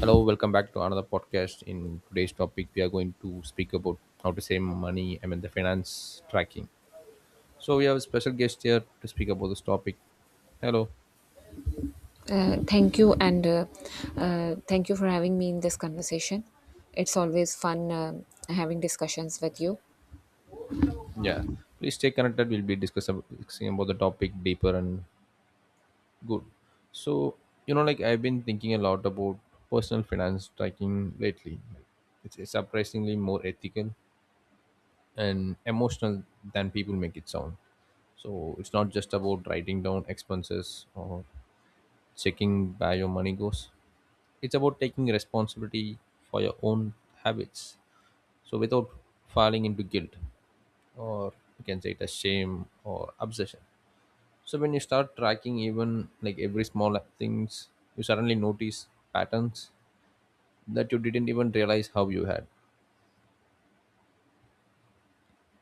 Hello, welcome back to another podcast. In today's topic, we are going to speak about how to save money. I mean, the finance tracking. So we have a special guest here to speak about this topic. Hello. Thank you, and thank you for having me in this conversation. It's always fun having discussions with you. Yeah. Please stay connected. We'll be discussing about the topic deeper and good. So you know, like I've been thinking a lot about personal finance tracking lately. It's surprisingly more ethical and emotional than people make it sound. So it's not just about writing down expenses or checking where your money goes. It's about taking responsibility for your own habits. So without falling into guilt or you can say it as shame or obsession. So when you start tracking even like every small things, you suddenly notice patterns that you didn't even realize how you had.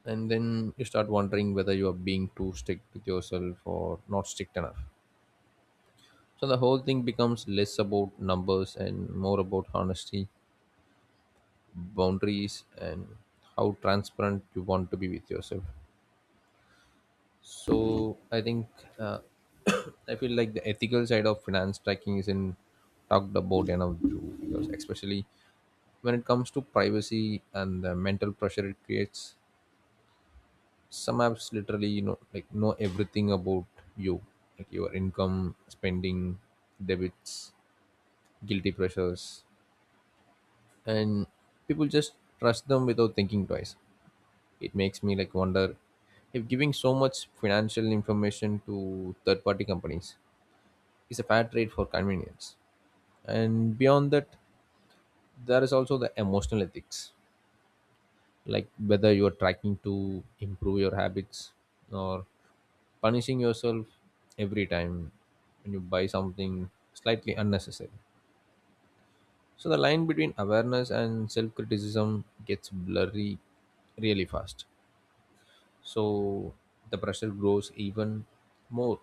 And then you start wondering whether you are being too strict with yourself or not strict enough. So the whole thing becomes less about numbers and more about honesty boundaries and how transparent you want to be with yourself, so I think uh, I feel like the ethical side of finance tracking isn't talked about enough too, because especially when it comes to privacy and the mental pressure it creates, some apps literally like know everything about you, like your income spending, debits, guilty pressures, and people just trust them without thinking twice. It makes me like wonder if giving so much financial information to third party companies is a fair trade for convenience. And beyond that, there is also the emotional ethics, like whether you are tracking to improve your habits or punishing yourself every time when you buy something slightly unnecessary. So the line between awareness and self criticism gets blurry really fast. So the pressure grows even more,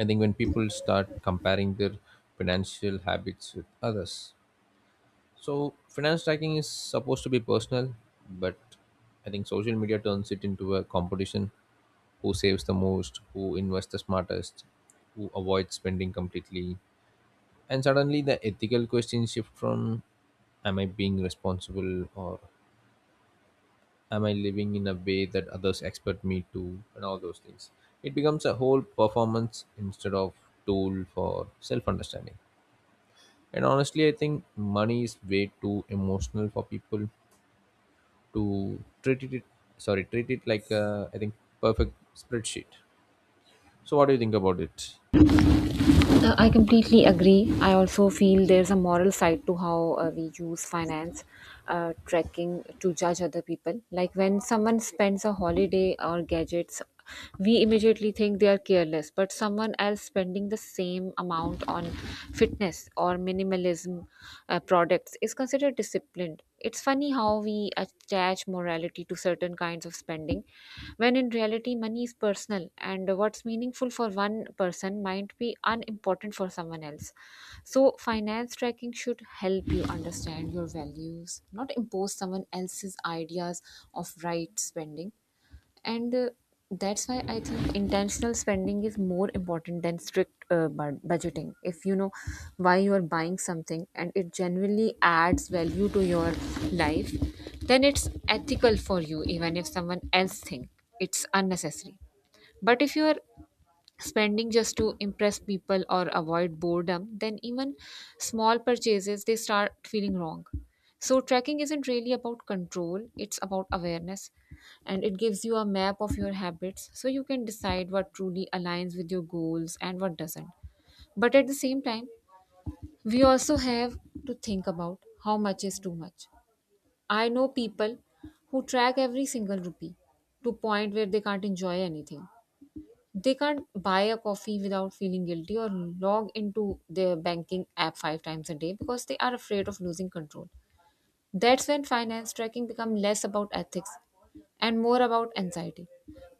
I think, when people start comparing their financial habits with others. So finance tracking is supposed to be personal, but I think social media turns it into a competition: who saves the most, who invests the smartest, who avoids spending completely. And suddenly the ethical questions shift from, am I being responsible, or am I living in a way that others expect me to, and all those things. It becomes a whole performance instead of tool for self understanding. And honestly I think money is way too emotional for people to treat it, sorry, treat it like a, I think, perfect spreadsheet. So what do you think about it? I completely agree. I also feel there's a moral side to how we use finance tracking to judge other people. Like when someone spends a holiday or gadgets, we immediately think they are careless, but someone else spending the same amount on fitness or minimalism products is considered disciplined. It's funny how we attach morality to certain kinds of spending, when in reality, money is personal, and what's meaningful for one person might be unimportant for someone else. So, finance tracking should help you understand your values, not impose someone else's ideas of right spending and that's why I think intentional spending is more important than strict budgeting. If you know why you are buying something and it genuinely adds value to your life, then it's ethical for you even if someone else thinks it's unnecessary. But if you are spending just to impress people or avoid boredom, then even small purchases they start feeling wrong. So tracking isn't really about control, it's about awareness, and it gives you a map of your habits so you can decide what truly aligns with your goals and what doesn't. But at the same time, we also have to think about how much is too much. I know people who track every single rupee to point where they can't enjoy anything. They can't buy a coffee without feeling guilty or log into their banking app five times a day because they are afraid of losing control. That's when finance tracking become less about ethics and more about anxiety.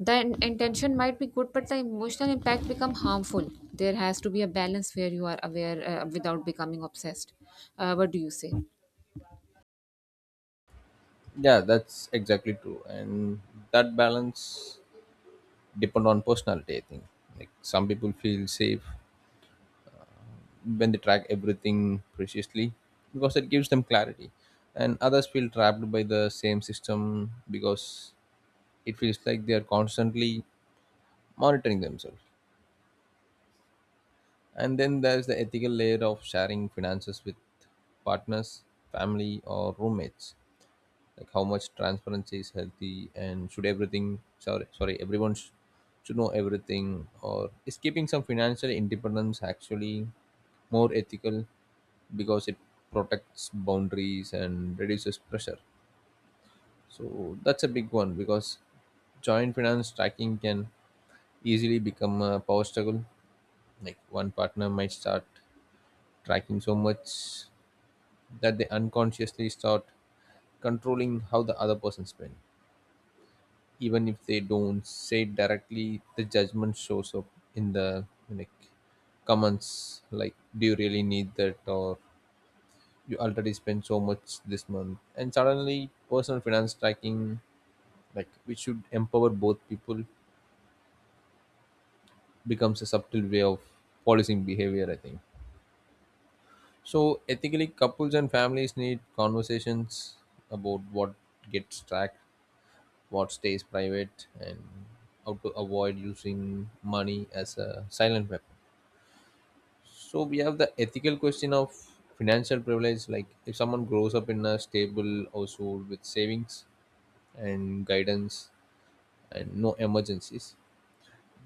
The intention might be good, but the emotional impact become harmful. There has to be a balance where you are aware without becoming obsessed. What do you say? Yeah, that's exactly true. And that balance depend on personality, I think. Like some people feel safe when they track everything precisely, because it gives them clarity, and others feel trapped by the same system because it feels like they are constantly monitoring themselves. And then there's the ethical layer of sharing finances with partners, family, or roommates, like how much transparency is healthy and should everything, sorry, sorry, should know everything, or is keeping some financial independence actually more ethical because it protects boundaries and reduces pressure. So that's a big one because joint finance tracking can easily become a power struggle. Like one partner might start tracking so much that they unconsciously start controlling how the other person spends. Even if they don't say it directly, the judgment shows up in the like comments, like, do you really need that, or you already spent so much this month. And suddenly personal finance tracking, like which should empower both people, becomes a subtle way of policing behavior, I think. So ethically couples and families need conversations about what gets tracked, what stays private, and how to avoid using money as a silent weapon. So we have the ethical question of financial privilege, like if someone grows up in a stable household with savings and guidance and no emergencies.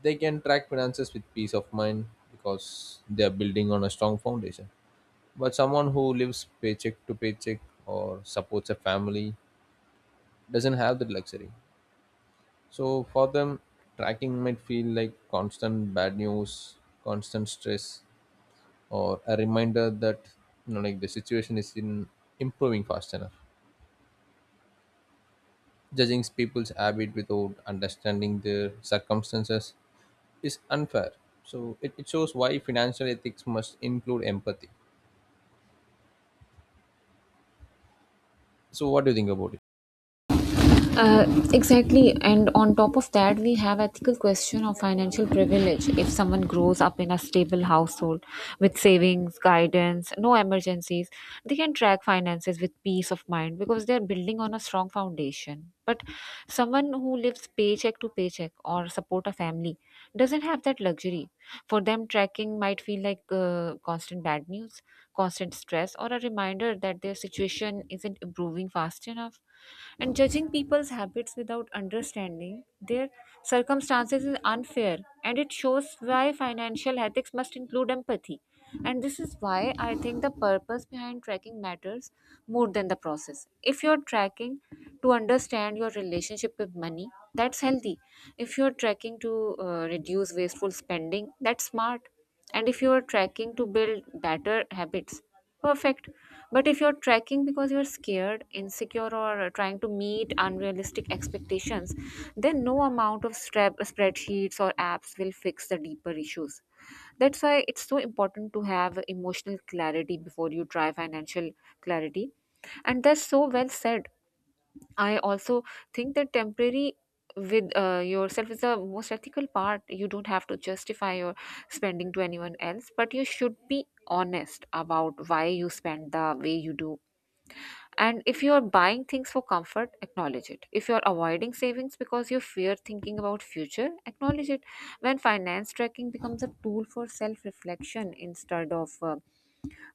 They can track finances with peace of mind because they are building on a strong foundation. But someone who lives paycheck to paycheck or supports a family doesn't have that luxury. So for them, tracking might feel like constant bad news, constant stress, or a reminder that like the situation is in improving fast enough. Judging people's habit without understanding their circumstances is unfair. So it shows why financial ethics must include empathy. So what do you think about it? Uh, exactly, and on top of that, we have ethical question of financial privilege. If someone grows up in a stable household with savings, guidance, no emergencies, they can track finances with peace of mind because they are building on a strong foundation. But someone who lives paycheck to paycheck or support a family doesn't have that luxury. For them, tracking might feel like constant bad news, constant stress, or a reminder that their situation isn't improving fast enough. And judging people's habits without understanding their circumstances is unfair, and it shows why financial ethics must include empathy. And this is why I think the purpose behind tracking matters more than the process. If you're tracking to understand your relationship with money, that's healthy. If you're tracking to reduce wasteful spending, that's smart. And if you're tracking to build better habits, perfect. But if you're tracking because you're scared, insecure, or trying to meet unrealistic expectations, then no amount of strap, spreadsheets or apps will fix the deeper issues. That's why it's so important to have emotional clarity before you try financial clarity. And that's so well said. I also think that temporary with yourself is the most ethical part. You don't have to justify your spending to anyone else, but you should be honest about why you spend the way you do. And if you are buying things for comfort, acknowledge it. If you are avoiding savings because you fear thinking about future, acknowledge it. When finance tracking becomes a tool for self-reflection instead of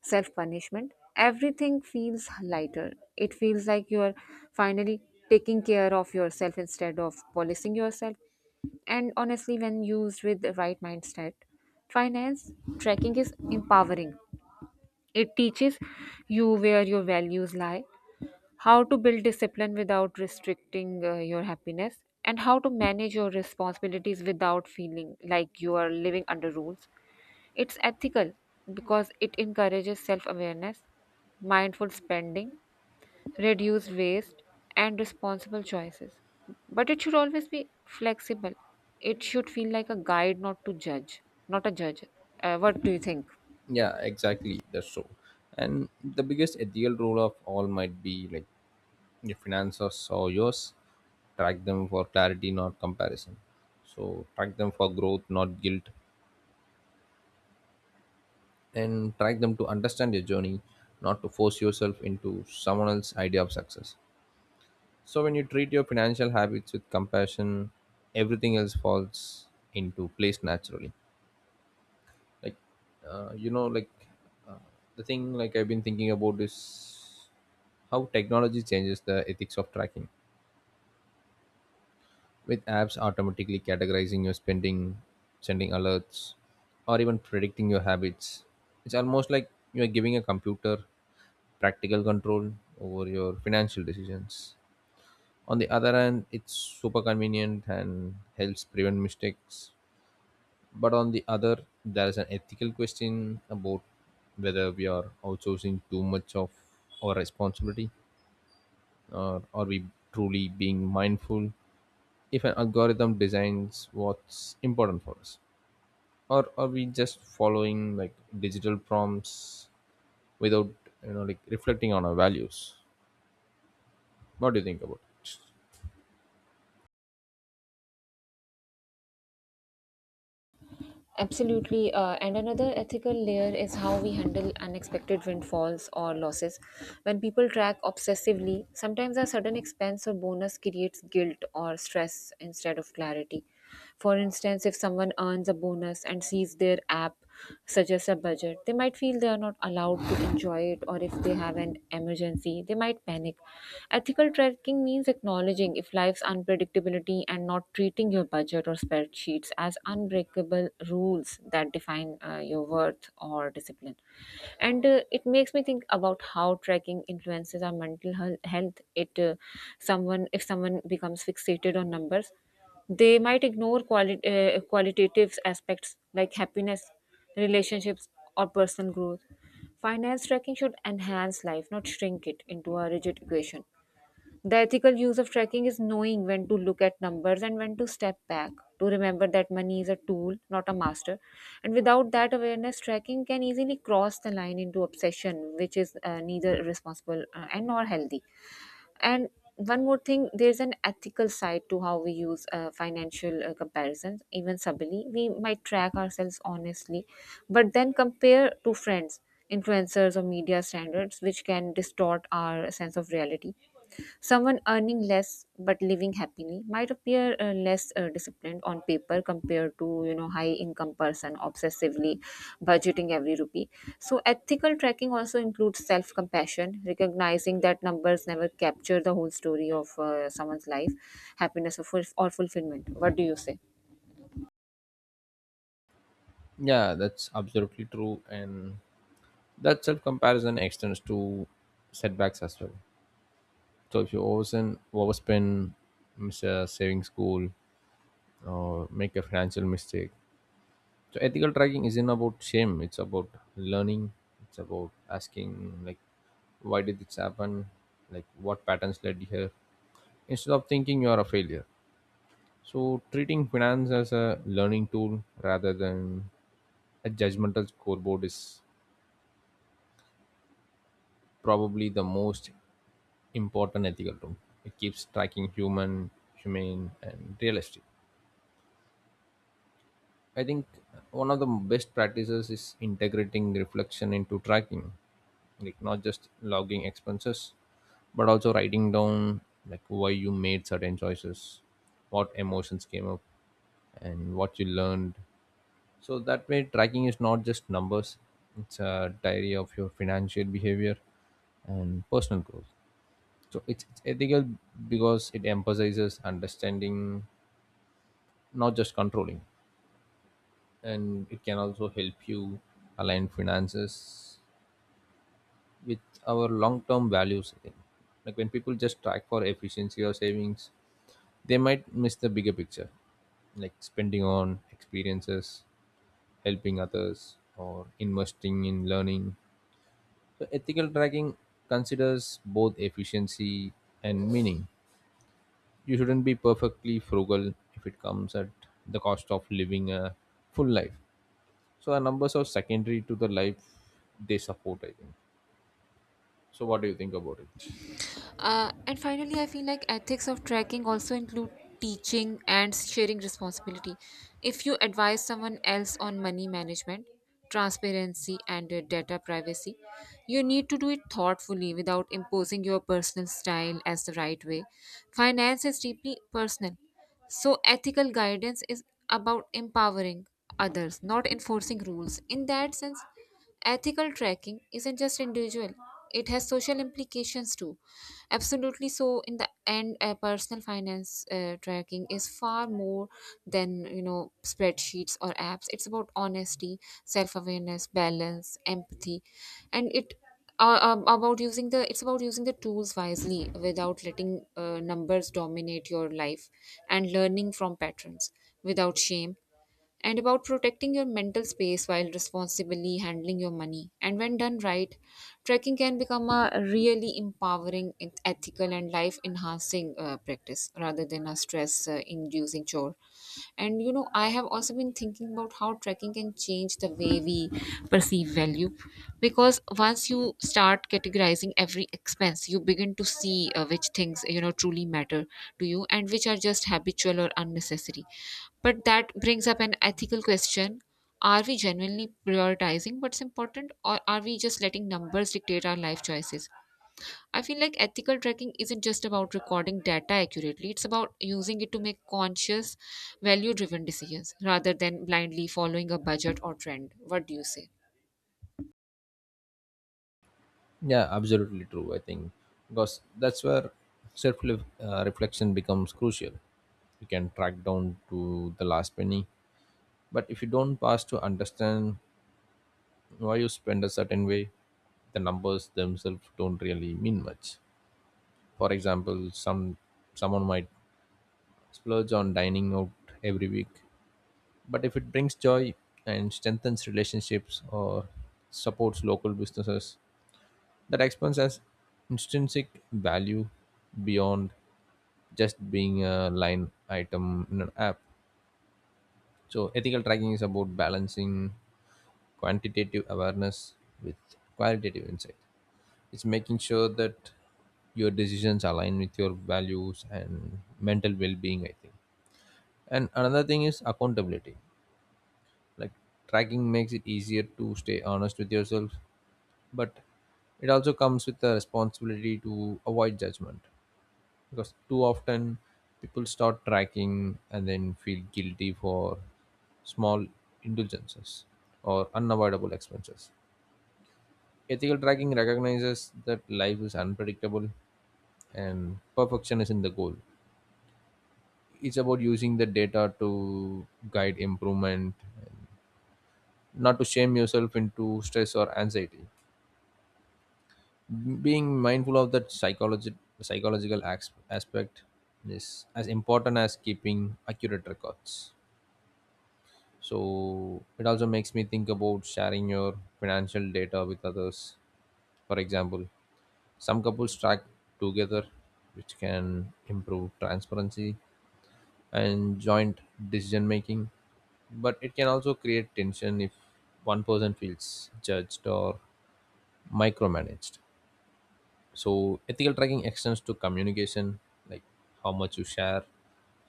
self punishment, everything feels lighter. It feels like you are finally taking care of yourself instead of policing yourself. And honestly, when used with the right mindset, finance tracking is empowering. It teaches you where your values lie, how to build discipline without restricting your happiness, and how to manage your responsibilities without feeling like you are living under rules. It's ethical because it encourages self awareness, mindful spending, reduced waste, and responsible choices. But it should always be flexible. It should feel like a guide, not to judge, not a judge. What do you think? Yeah, exactly. That's so. And the biggest ethical rule of all might be like your finances or yours, track them for clarity, not comparison. So track them for growth, not guilt. And track them to understand your journey, not to force yourself into someone else's idea of success. So when you treat your financial habits with compassion, everything else falls into place naturally. Like like uh, the thing, like I've been thinking about is how technology changes the ethics of tracking with apps automatically categorizing your spending, sending alerts, or even predicting your habits. It's almost like you are giving a computer practical control over your financial decisions. On the other hand, it's super convenient and helps prevent mistakes. But on the other, there is an ethical question about whether we are outsourcing too much of our responsibility, or are we truly being mindful if an algorithm designs what's important for us, or are we just following like digital prompts without like reflecting on our values. What do you think about it? Absolutely. And another ethical layer is how we handle unexpected windfalls or losses. When people track obsessively, sometimes a sudden expense or bonus creates guilt or stress instead of clarity. For instance, if someone earns a bonus and sees their app suggest a budget, they might feel they are not allowed to enjoy it, or if they have an emergency, they might panic. Ethical tracking means acknowledging if life's unpredictability and not treating your budget or spreadsheets as unbreakable rules that define your worth or discipline. And it makes me think about how tracking influences our mental health. It someone if someone becomes fixated on numbers, they might ignore qualitative aspects like happiness, relationships, or personal growth. Finance tracking should enhance life, not shrink it into a rigid equation. The ethical use of tracking is knowing when to look at numbers and when to step back, to remember that money is a tool, not a master. And without that awareness, tracking can easily cross the line into obsession, which is neither responsible and nor healthy. And one more thing, there's an ethical side to how we use financial comparisons, even subtly. We might track ourselves honestly, but then compare to friends, influencers, or media standards, which can distort our sense of reality. Someone earning less but living happily might appear less disciplined on paper compared to you know high income person obsessively budgeting every rupee. So ethical tracking also includes self compassion, recognizing that numbers never capture the whole story of someone's life, happiness or fulfillment. What do you say? Yeah, that's absolutely true. And that self comparison extends to setbacks as well. So if you overspend, miss a saving school, or make a financial mistake, so ethical tracking isn't about shame. It's about learning. It's about asking like, why did this happen? Like what patterns led here? Instead of thinking you are a failure. So treating finance as a learning tool rather than a judgmental scoreboard is probably the most important ethical tool. It keeps tracking human, humane, and realistic. I think one of the best practices is integrating reflection into tracking, like not just logging expenses, but also writing down like why you made certain choices, what emotions came up, and what you learned. So that way, tracking is not just numbers; it's a diary of your financial behavior and personal growth. So it's ethical because it emphasizes understanding, not just controlling. And it can also help you align finances with our long-term values, I think. Like when people just track for efficiency or savings, they might miss the bigger picture, like spending on experiences, helping others, or investing in learning. So ethical tracking considers both efficiency and meaning. You shouldn't be perfectly frugal if it comes at the cost of living a full life. So the numbers are secondary to the life they support, I think. So what do you think about it? And finally, I feel like ethics of tracking also include teaching and sharing responsibility. If you advise someone else on money management, transparency, and data privacy, you need to do it thoughtfully without imposing your personal style as the right way. Finance is deeply personal. So, ethical guidance is about empowering others, not enforcing rules. In that sense, ethical tracking isn't just individual, it has social implications too. Absolutely. So, in the end, personal finance tracking is far more than, you know, spreadsheets or apps. It's about honesty, self awareness, balance, empathy, and it's about using the tools wisely without letting numbers dominate your life, and learning from patterns without shame, and about protecting your mental space while responsibly handling your money. And when done right, trekking can become a really empowering, ethical, and life enhancing practice rather than a stress inducing chore. And you know, I have also been thinking about how trekking can change the way we perceive value, because once you start categorizing every expense you begin to see which things you know truly matter to you and which are just habitual or unnecessary. But that brings up an ethical question, are we genuinely prioritizing what's important or are we just letting numbers dictate our life choices? I feel like ethical tracking isn't just about recording data accurately, it's about using it to make conscious value driven decisions rather than blindly following a budget or trend. What do you say? Yeah, absolutely true. I think because that's where self reflection becomes crucial. You can track down to the last penny, but if you don't pass to understand why you spend a certain way, the numbers themselves don't really mean much. For example, some someone might splurge on dining out every week, but if it brings joy and strengthens relationships or supports local businesses, that expands as intrinsic value beyond just being a line item in an app. So ethical tracking is about balancing quantitative awareness with qualitative insight. It's making sure that your decisions align with your values and mental well-being, I think. And another thing is accountability. Like tracking makes it easier to stay honest with yourself, but it also comes with the responsibility to avoid judgment, because too often people start tracking and then feel guilty for small indulgences or unavoidable expenses. Ethical tracking recognizes that life is unpredictable and perfection isn't the goal. It's about using the data to guide improvement, not to shame yourself into stress or anxiety. Being mindful of that aspect is as important as keeping accurate records. So it also makes me think about sharing your financial data with others. For example, some couples track together, which can improve transparency and joint decision making. But it can also create tension if one person feels judged or micromanaged. So ethical tracking extends to communication, like how much you share,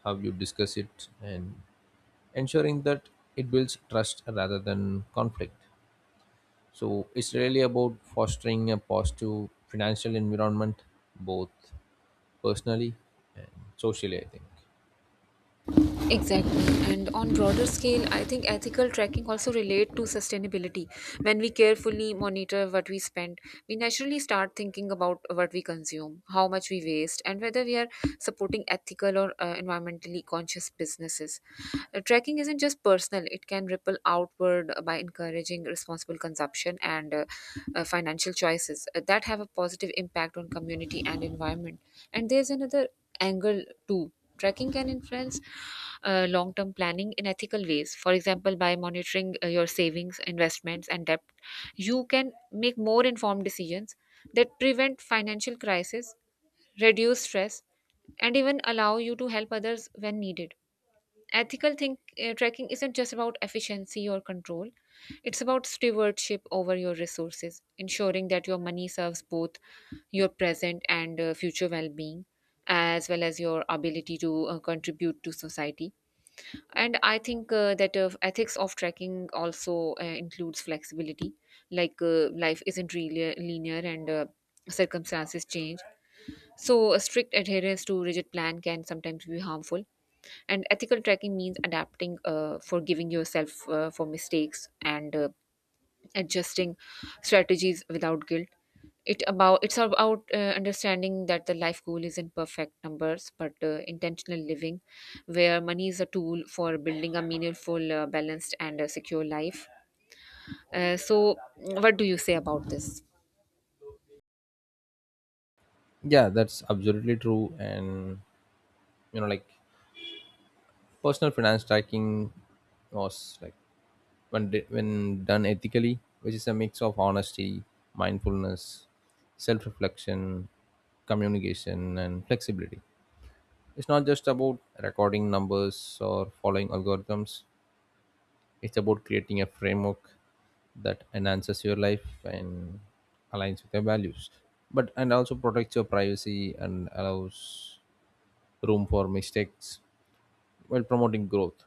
how you discuss it, and ensuring that it builds trust rather than conflict. So it's really about fostering a positive financial environment, both personally and socially, I think. Exactly. And on broader scale, I think ethical tracking also relate to sustainability. When we carefully monitor what we spend, we naturally start thinking about what we consume, how much we waste, and whether we are supporting ethical or environmentally conscious businesses. Tracking isn't just personal, it can ripple outward by encouraging responsible consumption and financial choices that have a positive impact on community and environment. And there's another angle two. Tracking can influence long term planning in ethical ways. For example, by monitoring your savings, investments, and debt, you can make more informed decisions that prevent financial crisis, reduce stress, and even allow you to help others when needed. Ethical tracking isn't just about efficiency or control, it's about stewardship over your resources, ensuring that your money serves both your present and future well-being as well as your ability to contribute to society. And i think uh, that uh, ethics of tracking also includes flexibility. Life isn't really linear and circumstances change, so a strict adherence to rigid plan can sometimes be harmful. And ethical tracking means adapting, forgiving yourself for mistakes and adjusting strategies without guilt. It's about understanding that the life goal isn't perfect numbers, but intentional living, where money is a tool for building a meaningful, balanced, and secure life. So, what do you say about this? Yeah, that's absolutely true. And you know, like personal finance tracking was like when when done ethically, which is a mix of honesty, mindfulness, self-reflection, communication, and flexibility. It's not just about recording numbers or following algorithms. It's about creating a framework that enhances your life and aligns with your values, but and also protects your privacy and allows room for mistakes while promoting growth.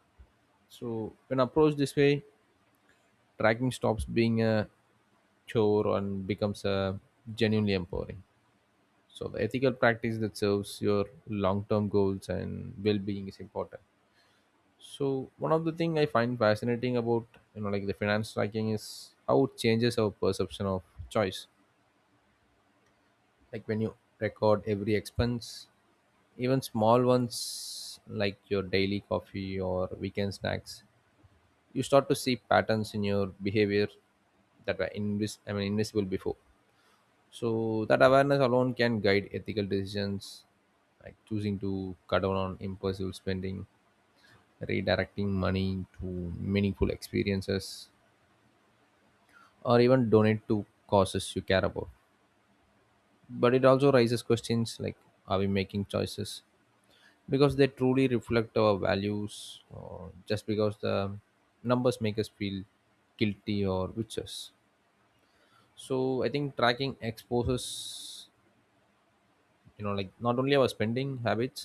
So when approached this way, tracking stops being a chore and becomes a genuinely empowering. So the ethical practice that serves your long-term goals and well-being is important. So one of the thing I find fascinating about the finance tracking is how it changes our perception of choice. Like when you record every expense, even small ones like your daily coffee or weekend snacks, you start to see patterns in your behavior that were invisible before. So that awareness alone can guide ethical decisions, like choosing to cut down on impulsive spending, redirecting money to meaningful experiences, or even donate to causes you care about. But it also raises questions like, are we making choices because they truly reflect our values, or just because the numbers make us feel guilty or witches? So I think tracking exposes not only our spending habits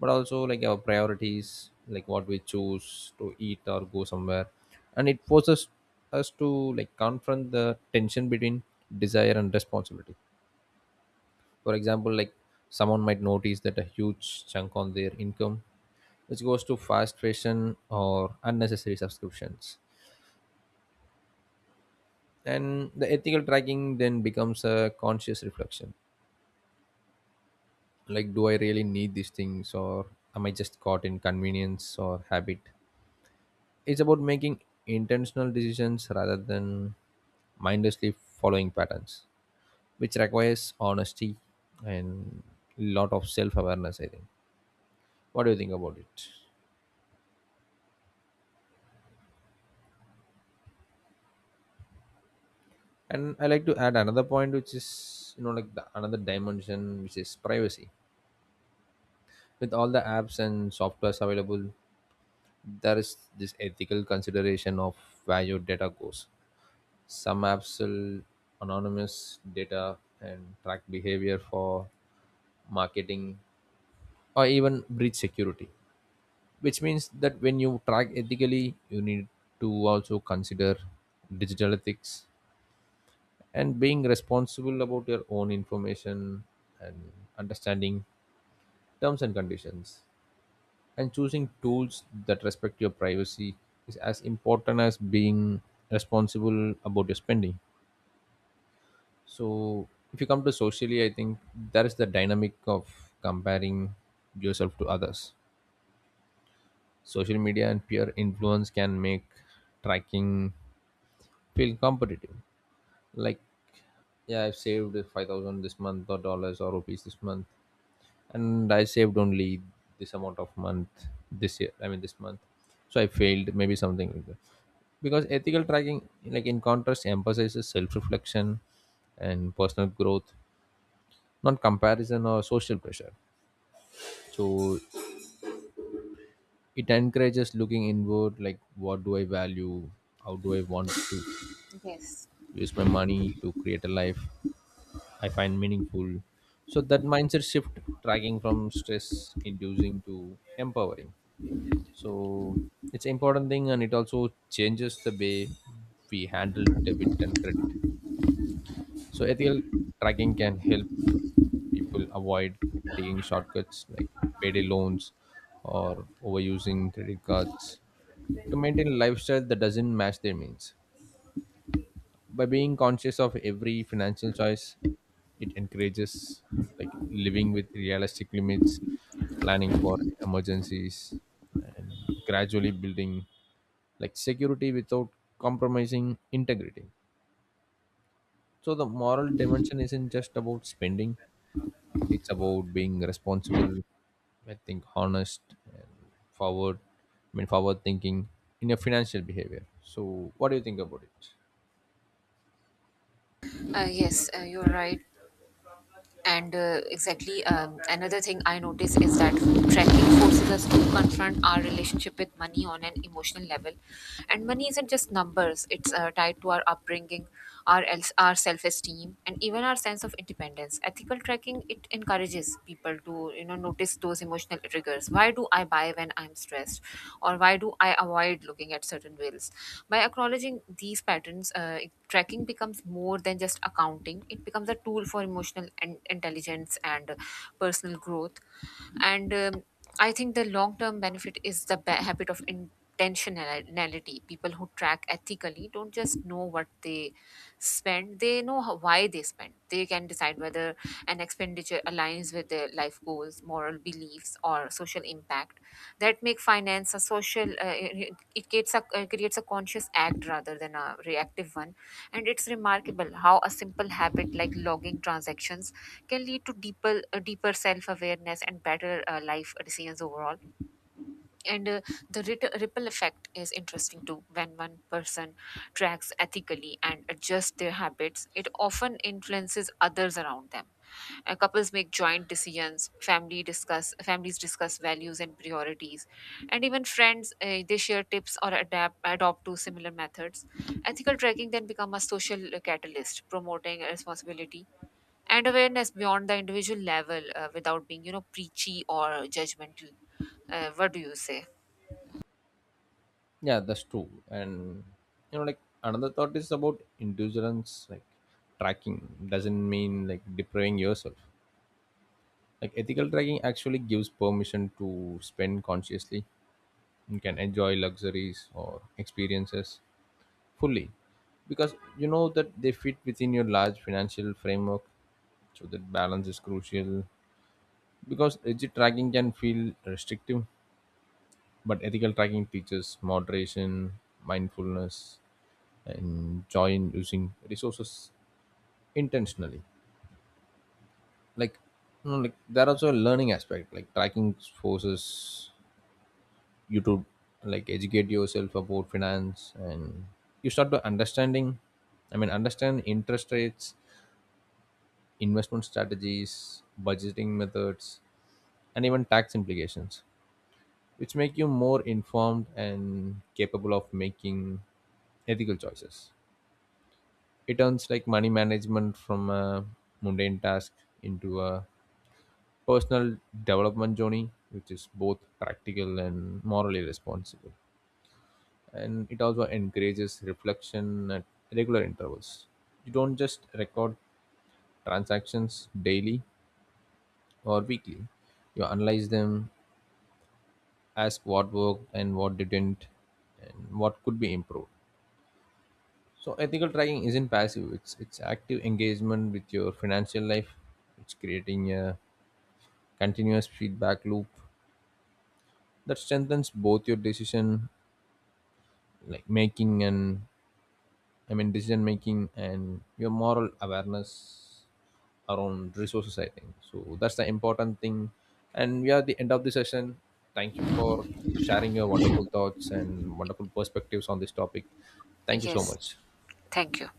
but also like our priorities, like what we choose to eat or go somewhere. And it forces us to like confront the tension between desire and responsibility. For example, like someone might notice that a huge chunk on their income which goes to fast fashion or unnecessary subscriptions, and the ethical tracking then becomes a conscious reflection, like do I really need these things, or am I just caught in convenience or habit? It's about making intentional decisions rather than mindlessly following patterns, which requires honesty and lot of self-awareness, I think. What do you think about it? And I like to add another point, which is the another dimension, which is privacy. With all the apps and softwares available, there is this ethical consideration of where your data goes. Some apps will anonymize data and track behavior for marketing or even breach security, which means that when you track ethically, you need to also consider digital ethics and being responsible about your own information and understanding terms and conditions, and choosing tools that respect your privacy is as important as being responsible about your spending. So if you come to socially, I think there is the dynamic of comparing yourself to others. Social media and peer influence can make tracking feel competitive. Like, yeah, I've saved 5,000 this month, or dollars or rupees this month, and I saved only this amount of month this year. I mean this month, so I failed. Maybe something like that. Because ethical tracking, like in contrast, emphasizes self-reflection and personal growth, not comparison or social pressure. So it encourages looking inward, like what do I value, how do I want to Yes, use my money to create a life I find meaningful. So that mindset shift tracking from stress inducing to empowering, so it's important thing. And it also changes the way we handle debit and credit. So ethical tracking can help people avoid like taking shortcuts like payday loans or overusing credit cards to maintain a lifestyle that doesn't match their means. By being conscious of every financial choice, it encourages like living with realistic limits, planning for emergencies, and gradually building like security without compromising integrity. So the moral dimension isn't just about spending; it's about being responsible, I think, honest, and forward I mean forward thinking in your financial behavior. So what do you think about it? yes, you're right. And exactly, another thing I notice is that tracking forces us to confront our relationship with money on an emotional level. And money isn't just numbers, it's tied to our upbringing, our, else our self esteem, and even our sense of independence. Ethical tracking, it encourages advise people to you know notice those emotional triggers. Why do I buy when I'm stressed, or why do I avoid looking at certain bills? By acknowledging these patterns, tracking becomes more than just accounting, it becomes a tool for emotional and intelligence and personal growth. And um, i think the long term benefit is the habit of intentionality. People who track ethically don't just know what they spend, they know how, why they spend. They can decide whether and expenditure aligns with their life goals, moral beliefs, or social impact, that make finance a social. It creates a conscious act rather than a reactive one, and it's remarkable how a simple habit like logging transactions can lead to deeper self awareness and better life decisions overall. And the rit- ripple effect is interesting too. When one person tracks ethically and adjust their habits, it often influences others around them. And couples make joint decisions, family discuss families discuss values and priorities, and even friends they share tips or adapt adopt to similar methods. Ethical tracking then become a social catalyst, promoting responsibility and awareness beyond the individual level without being you know preachy or judgmental. What do you say? Yeah, that's true. And another thought is about indulgence, like tracking doesn't mean like depriving yourself. Like ethical tracking actually gives permission to spend consciously. You can enjoy luxuries or experiences fully because you know that they fit within your large financial framework. So that balance is crucial, because rigid tracking can feel restrictive, but ethical tracking teaches moderation, mindfulness, and joy in using resources intentionally. Like, there also a learning aspect, like tracking forces you to like educate yourself about finance, and you start to understanding I mean understand interest rates, investment strategies, budgeting methods, and even tax implications, which make you more informed and capable of making ethical choices. It turns like money management from a mundane task into a personal development journey, which is both practical and morally responsible. And it also encourages reflection at regular intervals. You don't just record transactions daily or weekly, you analyze them, ask what worked and what didn't and what could be improved. So ethical tracking isn't passive, it's active engagement with your financial life. It's creating a continuous feedback loop that strengthens both your like making and decision making and your moral awareness around resources, I think. So that's the important thing. And we are at the end of the session. Thank you for sharing your wonderful thoughts and wonderful perspectives on this topic. Thank you so Yes, much. thank you.